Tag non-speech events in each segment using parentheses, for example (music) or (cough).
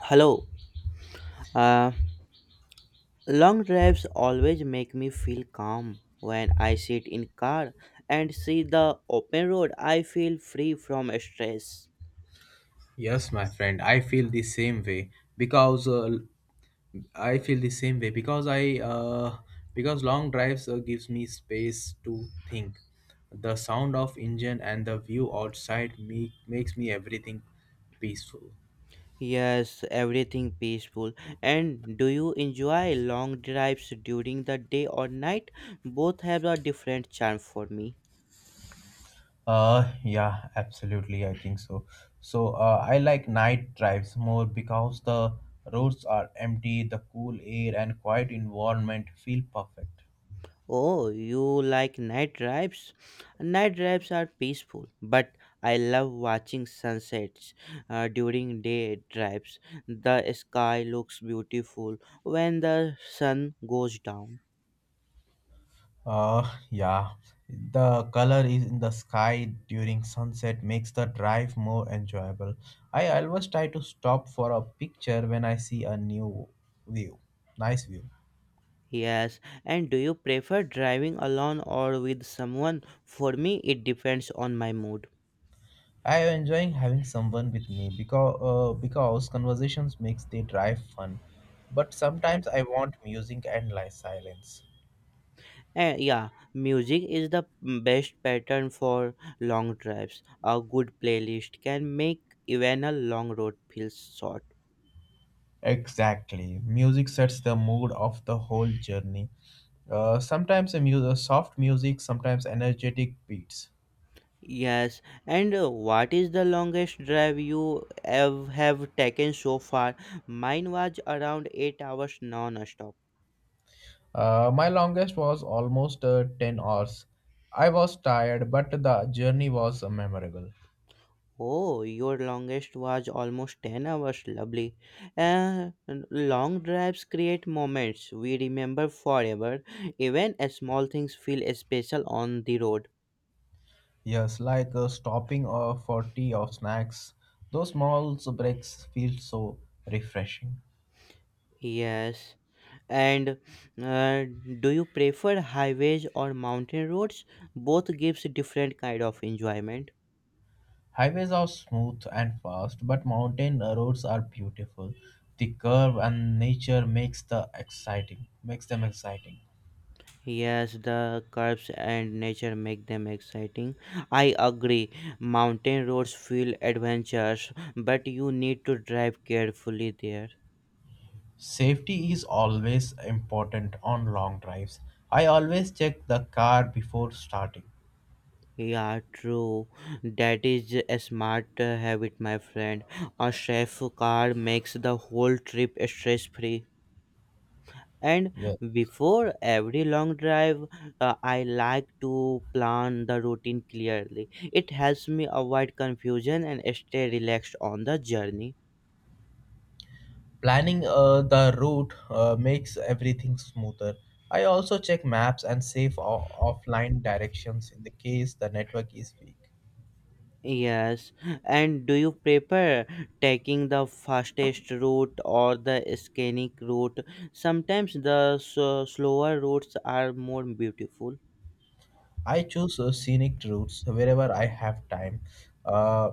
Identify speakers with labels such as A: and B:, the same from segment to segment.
A: Hello. Uh, Long drives always make me feel calm. When I sit in car and see the open road, I feel free from stress.
B: Yes, my friend, I feel the same way because I feel the same way because long drives gives me space to think. The sound of engine and the view outside me makes me everything peaceful.
A: Yes, everything peaceful. And do you enjoy long drives during the day or night? Both have a different charm for me.
B: Yeah, absolutely, I think so. So I like night drives more because the roads are empty, the cool air and quiet environment feel perfect.
A: Oh, you like night drives? Night drives are peaceful, but I love watching sunsets during day drives. The sky looks beautiful when the sun goes down.
B: Yeah, the color is in the sky during sunset makes the drive more enjoyable. I always try to stop for a picture when I see a view, nice view.
A: Yes, and do you prefer driving alone or with someone? For me, it depends on my mood.
B: I am enjoying having someone with me because conversations makes the drive fun. But sometimes I want music and silence.
A: Yeah, music is the best pattern for long drives. A good playlist can make even a long road feel short.
B: Exactly, music sets the mood of the whole journey. Sometimes soft music, sometimes energetic beats.
A: Yes, and what is the longest drive you have taken so far? Mine was around 8 hours non-stop.
B: My longest was almost 10 hours. I was tired, but the journey was memorable.
A: Oh, your longest was almost 10 hours, lovely. Uh, Long drives create moments we remember forever. Even small things feel special on the road.
B: Yes, like stopping for tea or snacks. Those small breaks feel so refreshing.
A: Yes. And uh, do you prefer highways or mountain roads? Both gives different kind of enjoyment.
B: Highways are smooth and fast, but mountain roads are beautiful. The curve and nature makes makes them exciting.
A: Yes, the curves and nature make them exciting. I agree. Mountain roads feel adventurous, but you need to drive carefully there.
B: Safety is always important on long drives. I always check the car before starting.
A: Yeah, true. That is a smart habit, my friend. A safe car makes the whole trip stress free. And
B: Yes.
A: before every long drive, I like to plan the routine clearly. It helps me avoid confusion and stay relaxed on the journey.
B: Planning the route makes everything smoother. I also check maps and save offline directions in the case the network is weak.
A: Yes, and do you prefer taking the fastest route or the scenic route? Sometimes the slower routes are more beautiful.
B: I choose scenic routes wherever I have time. Uh,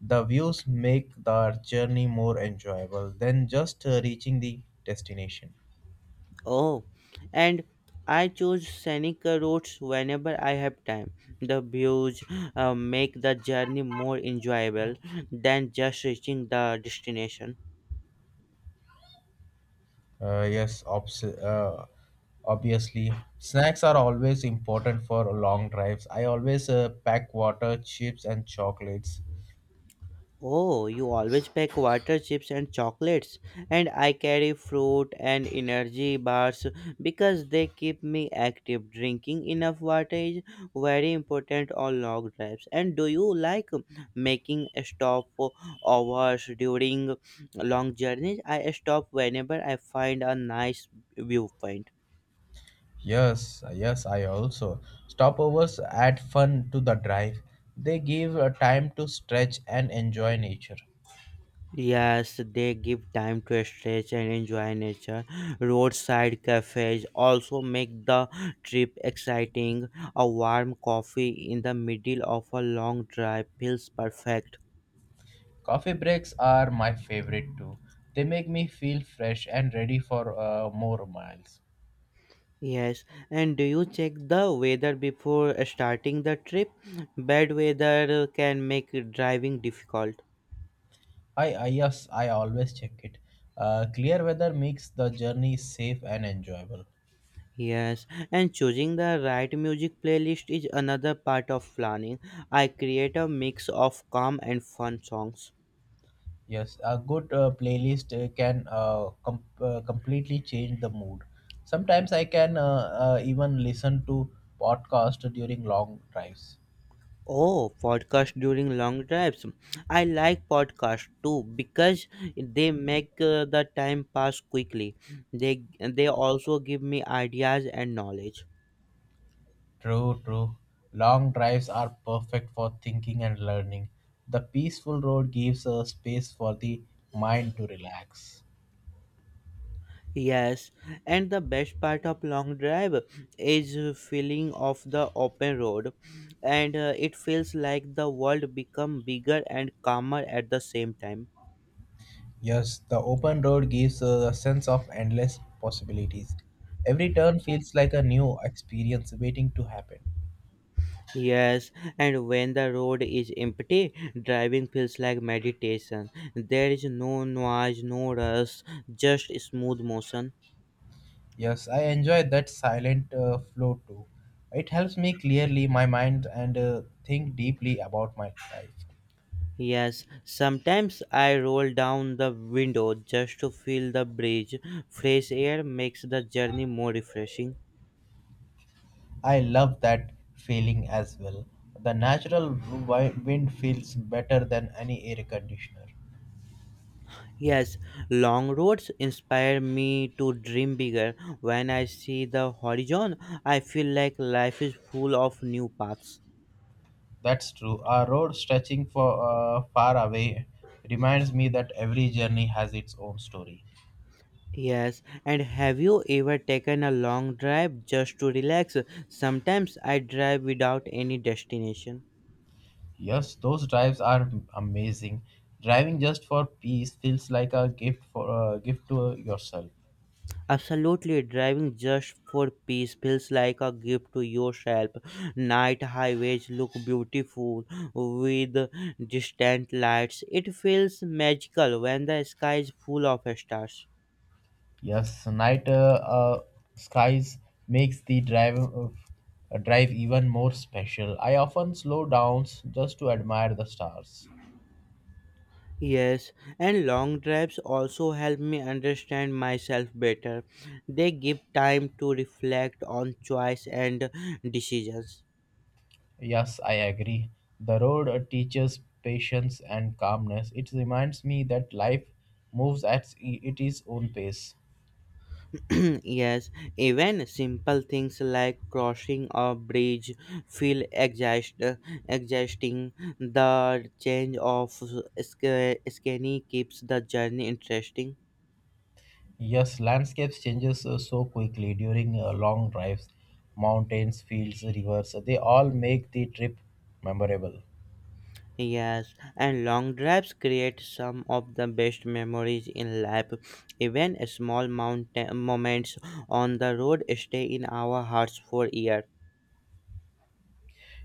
B: the views make the journey more enjoyable than just reaching the destination.
A: Oh, and I choose scenic routes whenever I have time. The views make the journey more enjoyable than just reaching the destination.
B: Yes, obviously. Snacks are always important for long drives. I always pack water, chips, and chocolates.
A: Oh, you always pack water, chips, and chocolates, and I carry fruit and energy bars because they keep me active. Drinking enough water is very important on long drives. And do you like making a stop for hours during long journeys? I stop whenever I find a nice viewpoint.
B: Yes, yes, I also. Stopovers add fun to the drive. They give time to stretch and enjoy nature.
A: Yes, they give time to stretch and enjoy nature. Roadside cafes also make the trip exciting. A warm coffee in the middle of a long drive feels perfect.
B: Coffee breaks are my favorite too. They make me feel fresh and ready for more miles.
A: Yes, and do you check the weather before starting the trip? Bad weather can make driving difficult.
B: I Yes, I always check it. Clear weather makes the journey safe and enjoyable.
A: Yes, and choosing the right music playlist is another part of planning. I create a mix of calm and fun songs.
B: Yes, a good playlist can completely change the mood. Sometimes I can even listen to podcast during long drives.
A: Oh, podcast during long drives. I like podcast too because they make the time pass quickly. They also give me ideas and knowledge.
B: True, true. Long drives are perfect for thinking and learning. The peaceful road gives a space for the mind to relax.
A: Yes, and the best part of long drive is feeling of the open road and it feels like the world become bigger and calmer at the same time.
B: Yes, the open road gives a sense of endless possibilities. Every turn feels like a new experience waiting to happen.
A: Yes, and when the road is empty, driving feels like meditation. There is no noise, no rush, just smooth motion.
B: Yes, I enjoy that silent flow too. It helps me clearly my mind and think deeply about my life.
A: Yes, sometimes I roll down the window just to feel the breeze. Fresh air makes the journey more refreshing.
B: I love that feeling as well. The natural wind feels better than any air conditioner.
A: Yes, long roads inspire me to dream bigger. When I see the horizon, I feel like life is full of new paths.
B: That's true. Our road stretching for far away reminds me that every journey has its own story.
A: Yes, and have you ever taken a long drive just to relax? Sometimes I drive without any destination.
B: Yes, those drives are amazing. Driving just for peace feels like a gift to yourself.
A: Absolutely, driving just for peace feels like a gift to yourself. Night highways look beautiful with distant lights. It feels magical when the sky is full of stars.
B: Yes, night skies makes the drive of a drive even more special. I often slow down just to admire the stars.
A: Yes, and long drives also help me understand myself better. They give time to reflect on choice and decisions.
B: Yes, I agree. The road teaches patience and calmness. It reminds me that life moves at I- it its own pace.
A: (clears throat) Yes, even simple things like crossing a bridge feel exhaust, exhausting. The change of scenery keeps the journey interesting.
B: Yes, landscapes changes so quickly during long drives. Mountains, fields, rivers, they all make the trip memorable.
A: Yes, and long drives create some of the best memories in life. Even small mountain moments on the road stay in our hearts for years.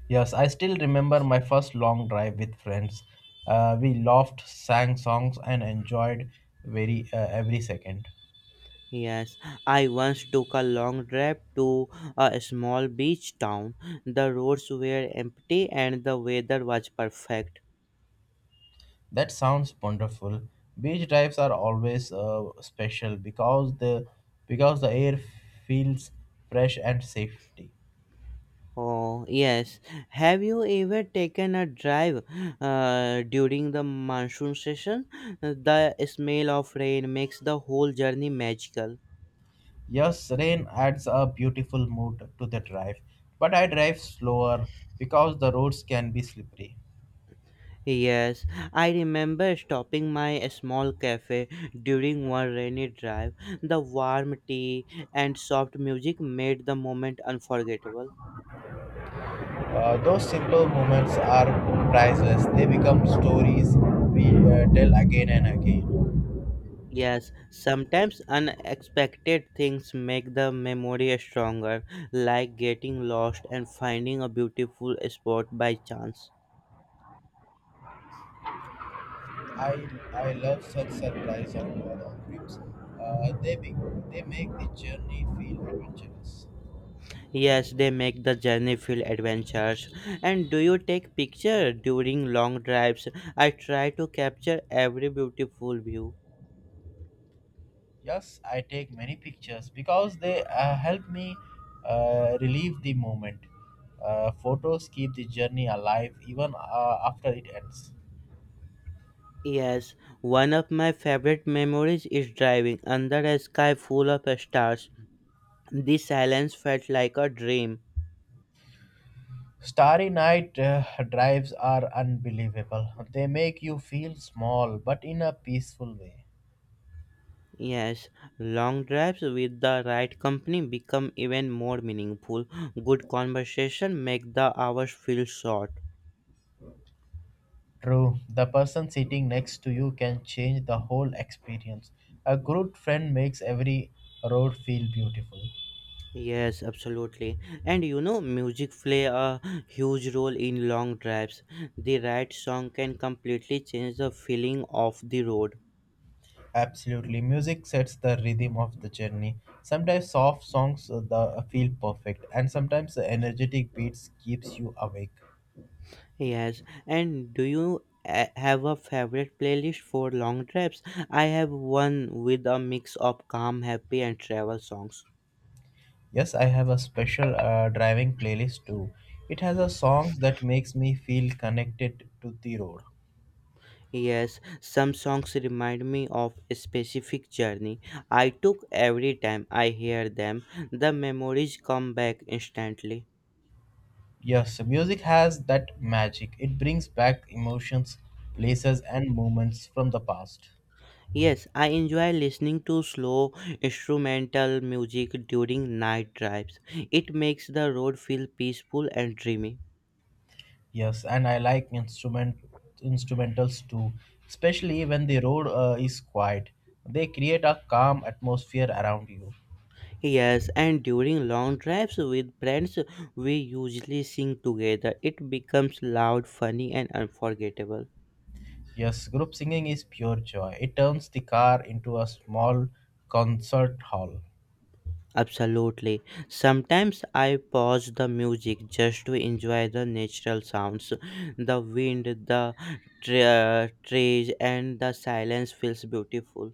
B: Yes, I still remember my first long drive with friends. We laughed, sang songs, and enjoyed very every second.
A: Yes, I once took a long drive to a small beach town. The roads were empty and the weather was perfect.
B: That sounds wonderful. Beach drives are always special because the air feels fresh and safety.
A: Oh, yes. Have you ever taken a drive during the monsoon season? The smell of rain makes the whole journey magical.
B: Yes, rain adds a beautiful mood to the drive, but I drive slower because the roads can be slippery.
A: Yes, I remember stopping my small cafe during one rainy drive. The warm tea and soft music made the moment unforgettable.
B: Those simple moments are priceless. They become stories we tell again and again.
A: Yes, sometimes unexpected things make the memory stronger, like getting lost and finding a beautiful spot by chance.
B: I I love such surprise on road trips. Uh, they be, they make the journey feel adventurous.
A: Yes, they make the journey feel adventurous. And do you take picture during long drives? I try to capture every beautiful view.
B: Yes, I take many pictures because they help me relieve the moment. Photos keep the journey alive even after it ends.
A: Yes, one of my favorite memories is driving under a sky full of stars. The silence felt like a dream.
B: Starry night drives are unbelievable. They make you feel small, but in a peaceful way.
A: Yes, long drives with the right company become even more meaningful. Good conversation make the hours feel short.
B: True, the person sitting next to you can change the whole experience. A good friend makes every road feel beautiful.
A: Yes, absolutely. And you know, music play a huge role in long drives. The right song can completely change the feeling of the road.
B: Absolutely, music sets the rhythm of the journey. Sometimes soft songs the feel perfect, and sometimes the energetic beats keeps you awake.
A: Yes, and do you have a favorite playlist for long drives? I have one with a mix of calm, happy, and travel songs.
B: Yes, I have a special driving playlist too. It has a songs that makes me feel connected to the road.
A: Yes, some songs remind me of a specific journey I took every time I hear them. The memories come back instantly.
B: Yes, music has that magic. It brings back emotions, places and moments from the past.
A: Yes, I enjoy listening to slow instrumental music during night drives. It makes the road feel peaceful and dreamy.
B: Yes, and I like instrumentals too, especially when the road is quiet. They create a calm atmosphere around you.
A: Yes, and during long drives with friends, we usually sing together. It becomes loud, funny, and unforgettable.
B: Yes, group singing is pure joy. It turns the car into a small concert hall.
A: Absolutely. Sometimes I pause the music just to enjoy the natural sounds. The wind, the trees, and the silence feels beautiful.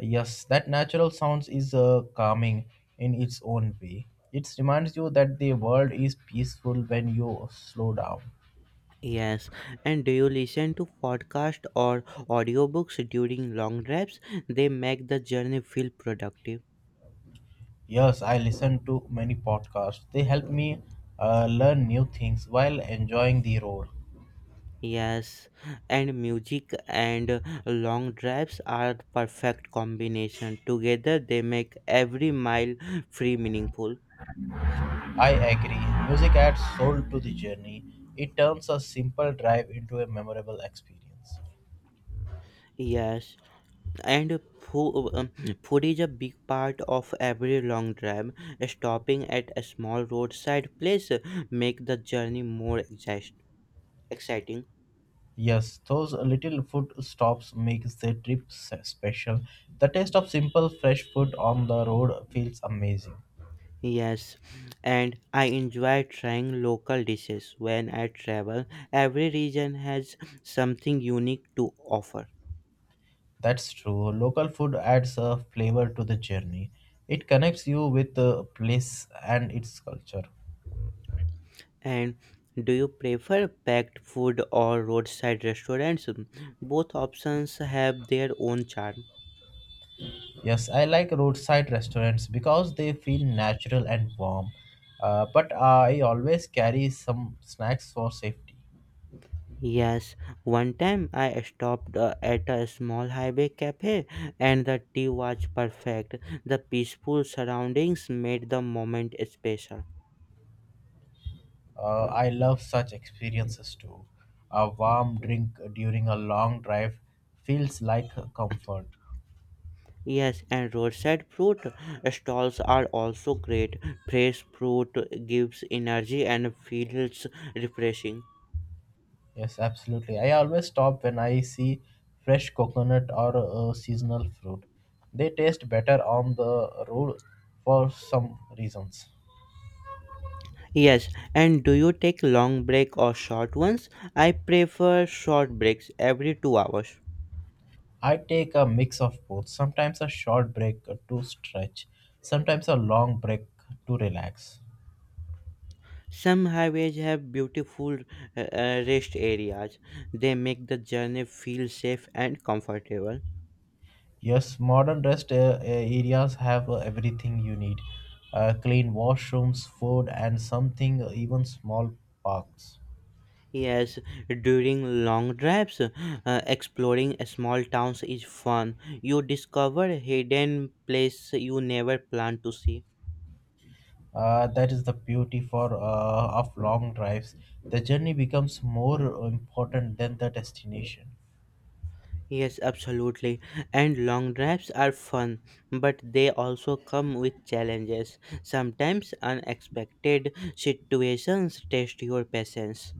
B: Yes, that natural sounds is calming in its own way. It reminds you that the world is peaceful when you slow down.
A: Yes. And do you listen to podcast or audiobooks during long drives? They make the journey feel productive.
B: Yes, I listen to many podcasts. They help me learn new things while enjoying the road.
A: Yes. And music and long drives are perfect combination. Together they make every mile free meaningful.
B: I agree. Music adds soul to the journey. It turns a simple drive into a memorable experience.
A: Yes. And food, food is a big part of every long drive, stopping at a small roadside place make the journey more exciting.
B: Yes, those little food stops makes the trip special. The taste of simple fresh food on the road feels amazing.
A: Yes, and I enjoy trying local dishes when I travel. Every region has something unique to offer.
B: That's true. Local food adds a flavor to the journey. It connects you with the place and its culture.
A: And do you prefer packed food or roadside restaurants? Both options have their own charm.
B: Yes, I like roadside restaurants because they feel natural and warm. But I always carry some snacks for safety.
A: Yes, one time I stopped at a small highway cafe and the tea was perfect. The peaceful surroundings made the moment special.
B: I love such experiences too. A warm drink during a long drive feels like comfort.
A: Yes, and roadside fruit stalls are also great. Fresh fruit gives energy and feels refreshing.
B: Yes, absolutely. I always stop when I see fresh coconut or seasonal fruit. They taste better on the road for some reasons.
A: Yes, and do you take long break or short ones? I prefer short breaks every 2 hours.
B: I take a mix of both, sometimes a short break to stretch, sometimes a long break to relax.
A: Some highways have beautiful rest areas. They make the journey feel safe and comfortable.
B: Yes, modern rest areas have everything you need, clean washrooms, food, and something, even small parks.
A: Yes, during long drives, exploring small towns is fun. You discover hidden places you never planned to see.
B: That is the beauty for of long drives. The journey becomes more important than the destination.
A: Yes, absolutely. And long drives are fun, but they also come with challenges. Sometimes unexpected situations test your patience.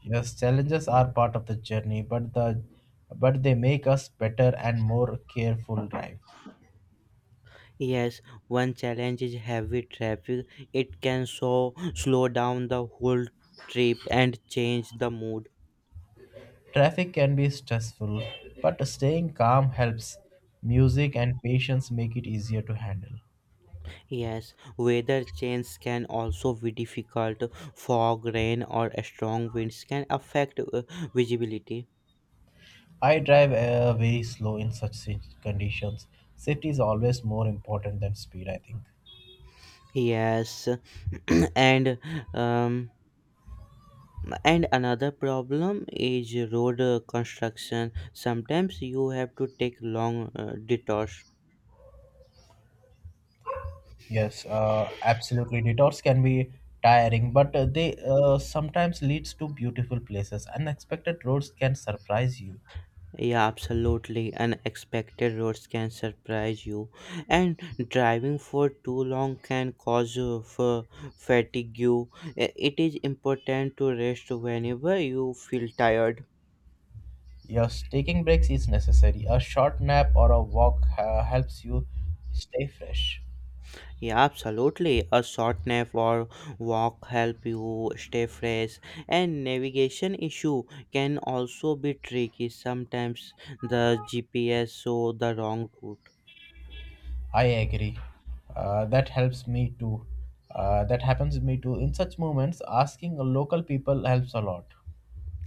B: Yes, challenges are part of the journey, but they make us better and more careful drive.
A: Yes, one challenge is heavy traffic. It can so slow down the whole trip and change the mood.
B: Traffic can be stressful, but staying calm helps. Music and patience make it easier to handle.
A: Yes, weather change can also be difficult. Fog, rain, or strong winds can affect visibility.
B: I drive very slow in such conditions. Safety is always more important than speed, I think.
A: Yes, (clears throat) and um, another problem is road construction. Sometimes you have to take long detours.
B: Yes, absolutely. Detours can be tiring, but they sometimes leads to beautiful places. Unexpected roads can surprise you.
A: Yeah, absolutely. Unexpected roads can surprise you, and driving for too long can cause fatigue. It is important to rest whenever you feel tired.
B: Yes, taking breaks is necessary. A short nap or a walk helps you stay fresh.
A: Yeah, absolutely. A short nap or walk help you stay fresh. And navigation issue can also be tricky. Sometimes the GPS show the wrong route.
B: I agree. That helps me too. That happens to me too. In such moments, asking local people helps a lot.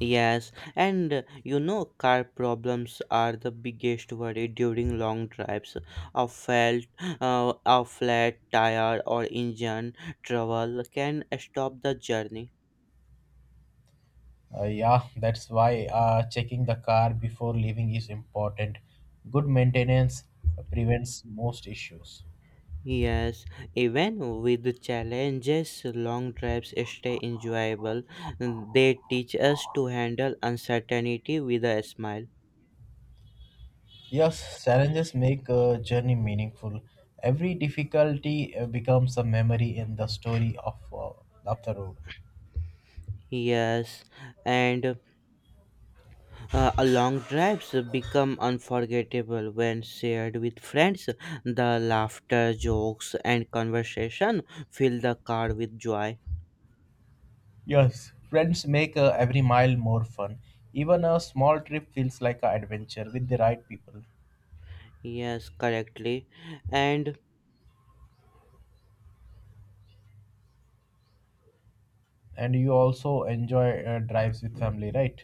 A: Yes, and you know, car problems are the biggest worry during long drives. A felt, a flat tire or engine trouble can stop the journey.
B: Yeah, that's why checking the car before leaving is important. Good maintenance prevents most issues.
A: Yes, even with the challenges, long drives stay enjoyable. They teach us to handle uncertainty with a smile.
B: Yes, challenges make a journey meaningful. Every difficulty becomes a memory in the story of the road.
A: Yes, and a long drives become unforgettable when shared with friends. The laughter, jokes, and conversation fill the car with joy.
B: Yes, friends make every mile more fun. Even a small trip feels like an adventure with the right people.
A: Yes, correctly. And
B: And you also enjoy drives with family, right?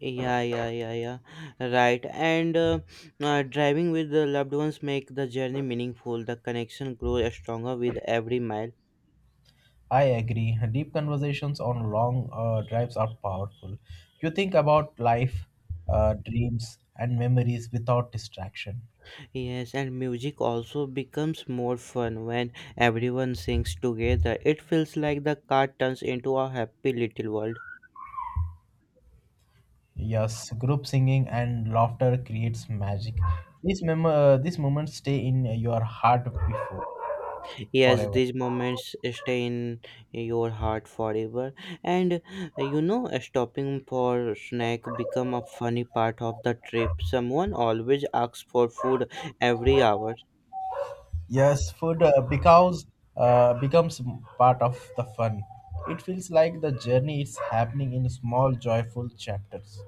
A: yeah, yeah, yeah, yeah. Right. And driving with the loved ones make the journey meaningful. The connection grows stronger with every mile.
B: I agree. Deep conversations on long drives are powerful. You think about life, dreams, and memories without distraction.
A: Yes, and music also becomes more fun when everyone sings together. It feels like the car turns into a happy little world.
B: Yes, group singing and laughter creates magic. These moments stay in your heart before
A: Yes,
B: forever.
A: these moments stay in your heart forever. And you know, stopping for snack become a funny part of the trip. Someone always asks for food every hour.
B: Yes, food because becomes part of the fun. It feels like the journey is happening in small joyful chapters.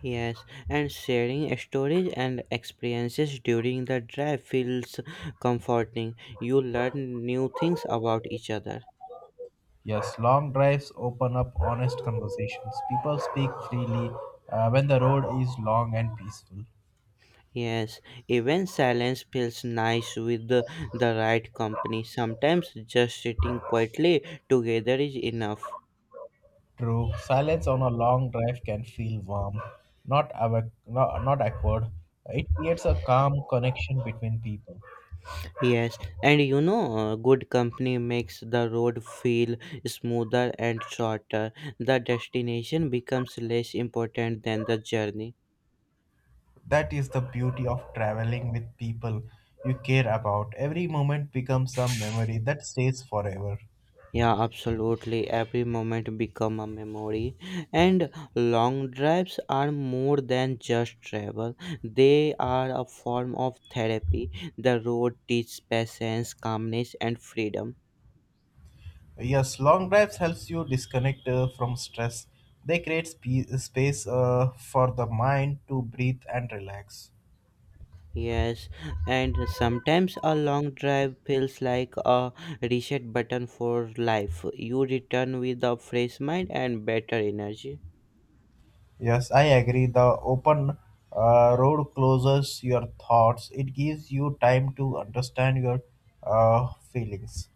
A: Yes, and sharing stories and experiences during the drive feels comforting. You learn new things about each other.
B: Yes, long drives open up honest conversations. People speak freely when the road is long and peaceful.
A: Yes, even silence feels nice with the right company. Sometimes just sitting quietly together is enough.
B: True, silence on a long drive can feel warm, not, not awkward. It creates a calm connection between people.
A: Yes, and you know, good company makes the road feel smoother and shorter. The destination becomes less important than the journey.
B: That is the beauty of traveling with people you care about. Every moment becomes a memory that stays forever.
A: Yeah, absolutely. Every moment become a memory. And long drives are more than just travel. They are a form of therapy. The road teaches patience, calmness and freedom.
B: Yes, long drives helps you disconnect from stress. They create space for the mind to breathe and relax.
A: Yes, and sometimes a long drive feels like a reset button for life. You return with a fresh mind and better energy.
B: Yes, I agree. The open road closes your thoughts. It gives you time to understand your feelings.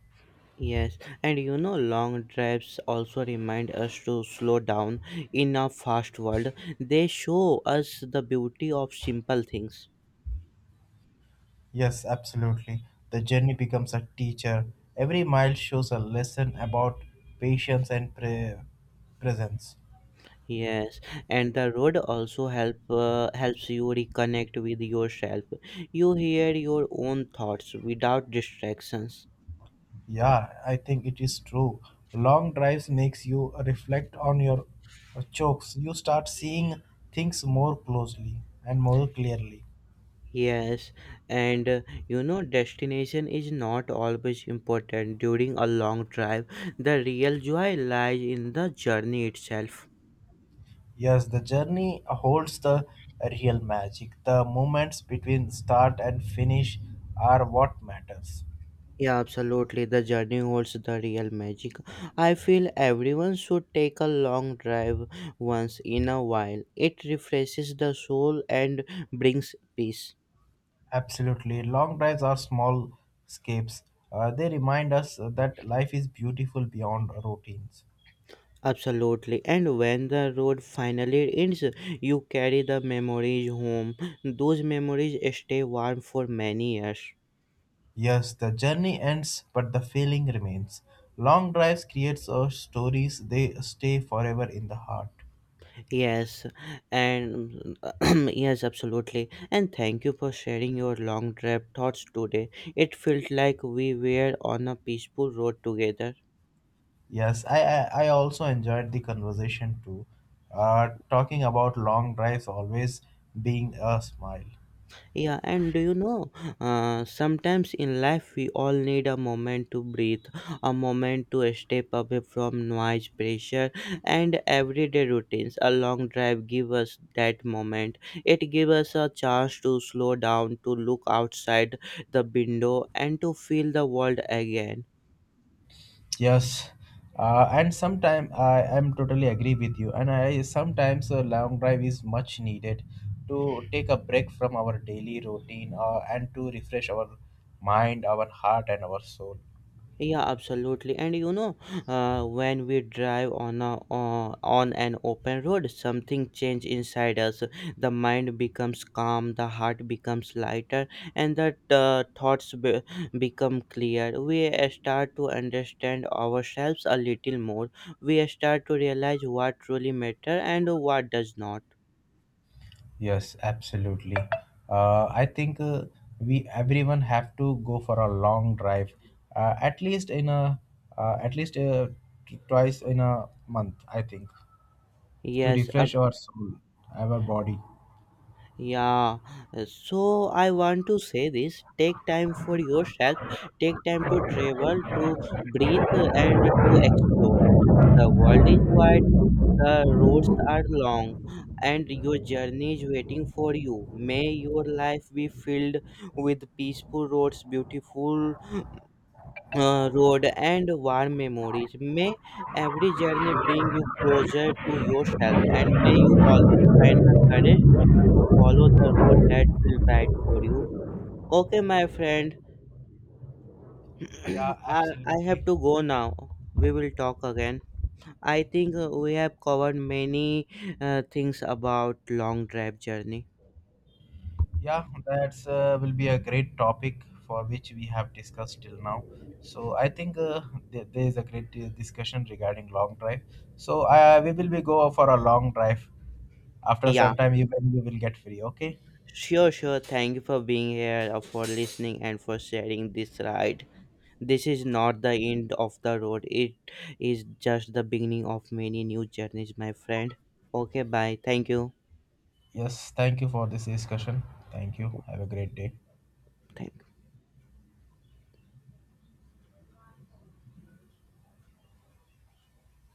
A: Yes, and you know, long drives also remind us to slow down in a fast world. They show us the beauty of simple things.
B: Yes, absolutely. The journey becomes a teacher. Every mile shows a lesson about patience and presence.
A: Yes, and the road also helps you reconnect with yourself. You hear your own thoughts without distractions.
B: Yeah, I think it is true. Long drives makes you reflect on your chokes. You start seeing things more closely and more clearly.
A: Yes, and you know, destination is not always important during a long drive. The real joy lies in the journey itself.
B: Yes, the journey holds the real magic. The moments between start and finish are what matters.
A: Yeah, absolutely. The journey holds the real magic. I feel everyone should take a long drive once in a while. It refreshes the soul and brings peace.
B: Absolutely. Long drives are small escapes. They remind us that life is beautiful beyond routines.
A: Absolutely. And when the road finally ends, you carry the memories home. Those memories stay warm for many years.
B: Yes, the journey ends, but the feeling remains. Long drives creates our stories; they stay forever in the heart.
A: Yes, and (clears throat) yes, absolutely. And thank you for sharing your long trip thoughts today. It felt like we were on a peaceful road together.
B: Yes, I also enjoyed the conversation too. Talking about long drives always being a smile.
A: Yeah, and do you know, sometimes in life we all need a moment to breathe, a moment to step away from noise, pressure, and everyday routines. A long drive gives us that moment. It gives us a chance to slow down, to look outside the window, and to feel the world again.
B: Yes, and sometimes I am totally agree with you. And I sometimes a long drive is much needed to take a break from our daily routine and to refresh our mind, our heart, and our soul.
A: Yeah, absolutely. And you know, when we drive on an open road, something changes inside us. The mind becomes calm, the heart becomes lighter, and the thoughts become clear. We start to understand ourselves a little more. We start to realize what truly matters and what does not.
B: Yes, absolutely. I think we everyone have to go for a long drive, uh, at least in a at least twice in a month. I think to
A: Yes,
B: refresh our soul, our body.
A: yeah, so I want to say this, take time for yourself, take time to travel, to breathe, and to explore. The world is wide, the roads are long, and your journey is waiting for you. May your life be filled with peaceful roads, beautiful road and warm memories. May every journey bring you closer to yourself, and may you always find the courage to follow the road that feels right for you. Okay, my friend,
B: Yeah,
A: (clears throat) I have
B: absolutely.
A: to go now. We will talk again. I think we have covered many things about long drive journey.
B: Yeah, that's will be a great topic for which we have discussed till now. So I think there is a great discussion regarding long drive. So we will be go for a long drive. After
A: Yeah,
B: some time, you, when you will get free. Okay.
A: sure, sure. Thank you for being here, for listening, and for sharing this ride. This is not the end of the road. It is just the beginning of many new journeys, my friend. Okay, bye. Thank you.
B: Yes. Thank you for this discussion. Thank you. Have a great day.
A: Thank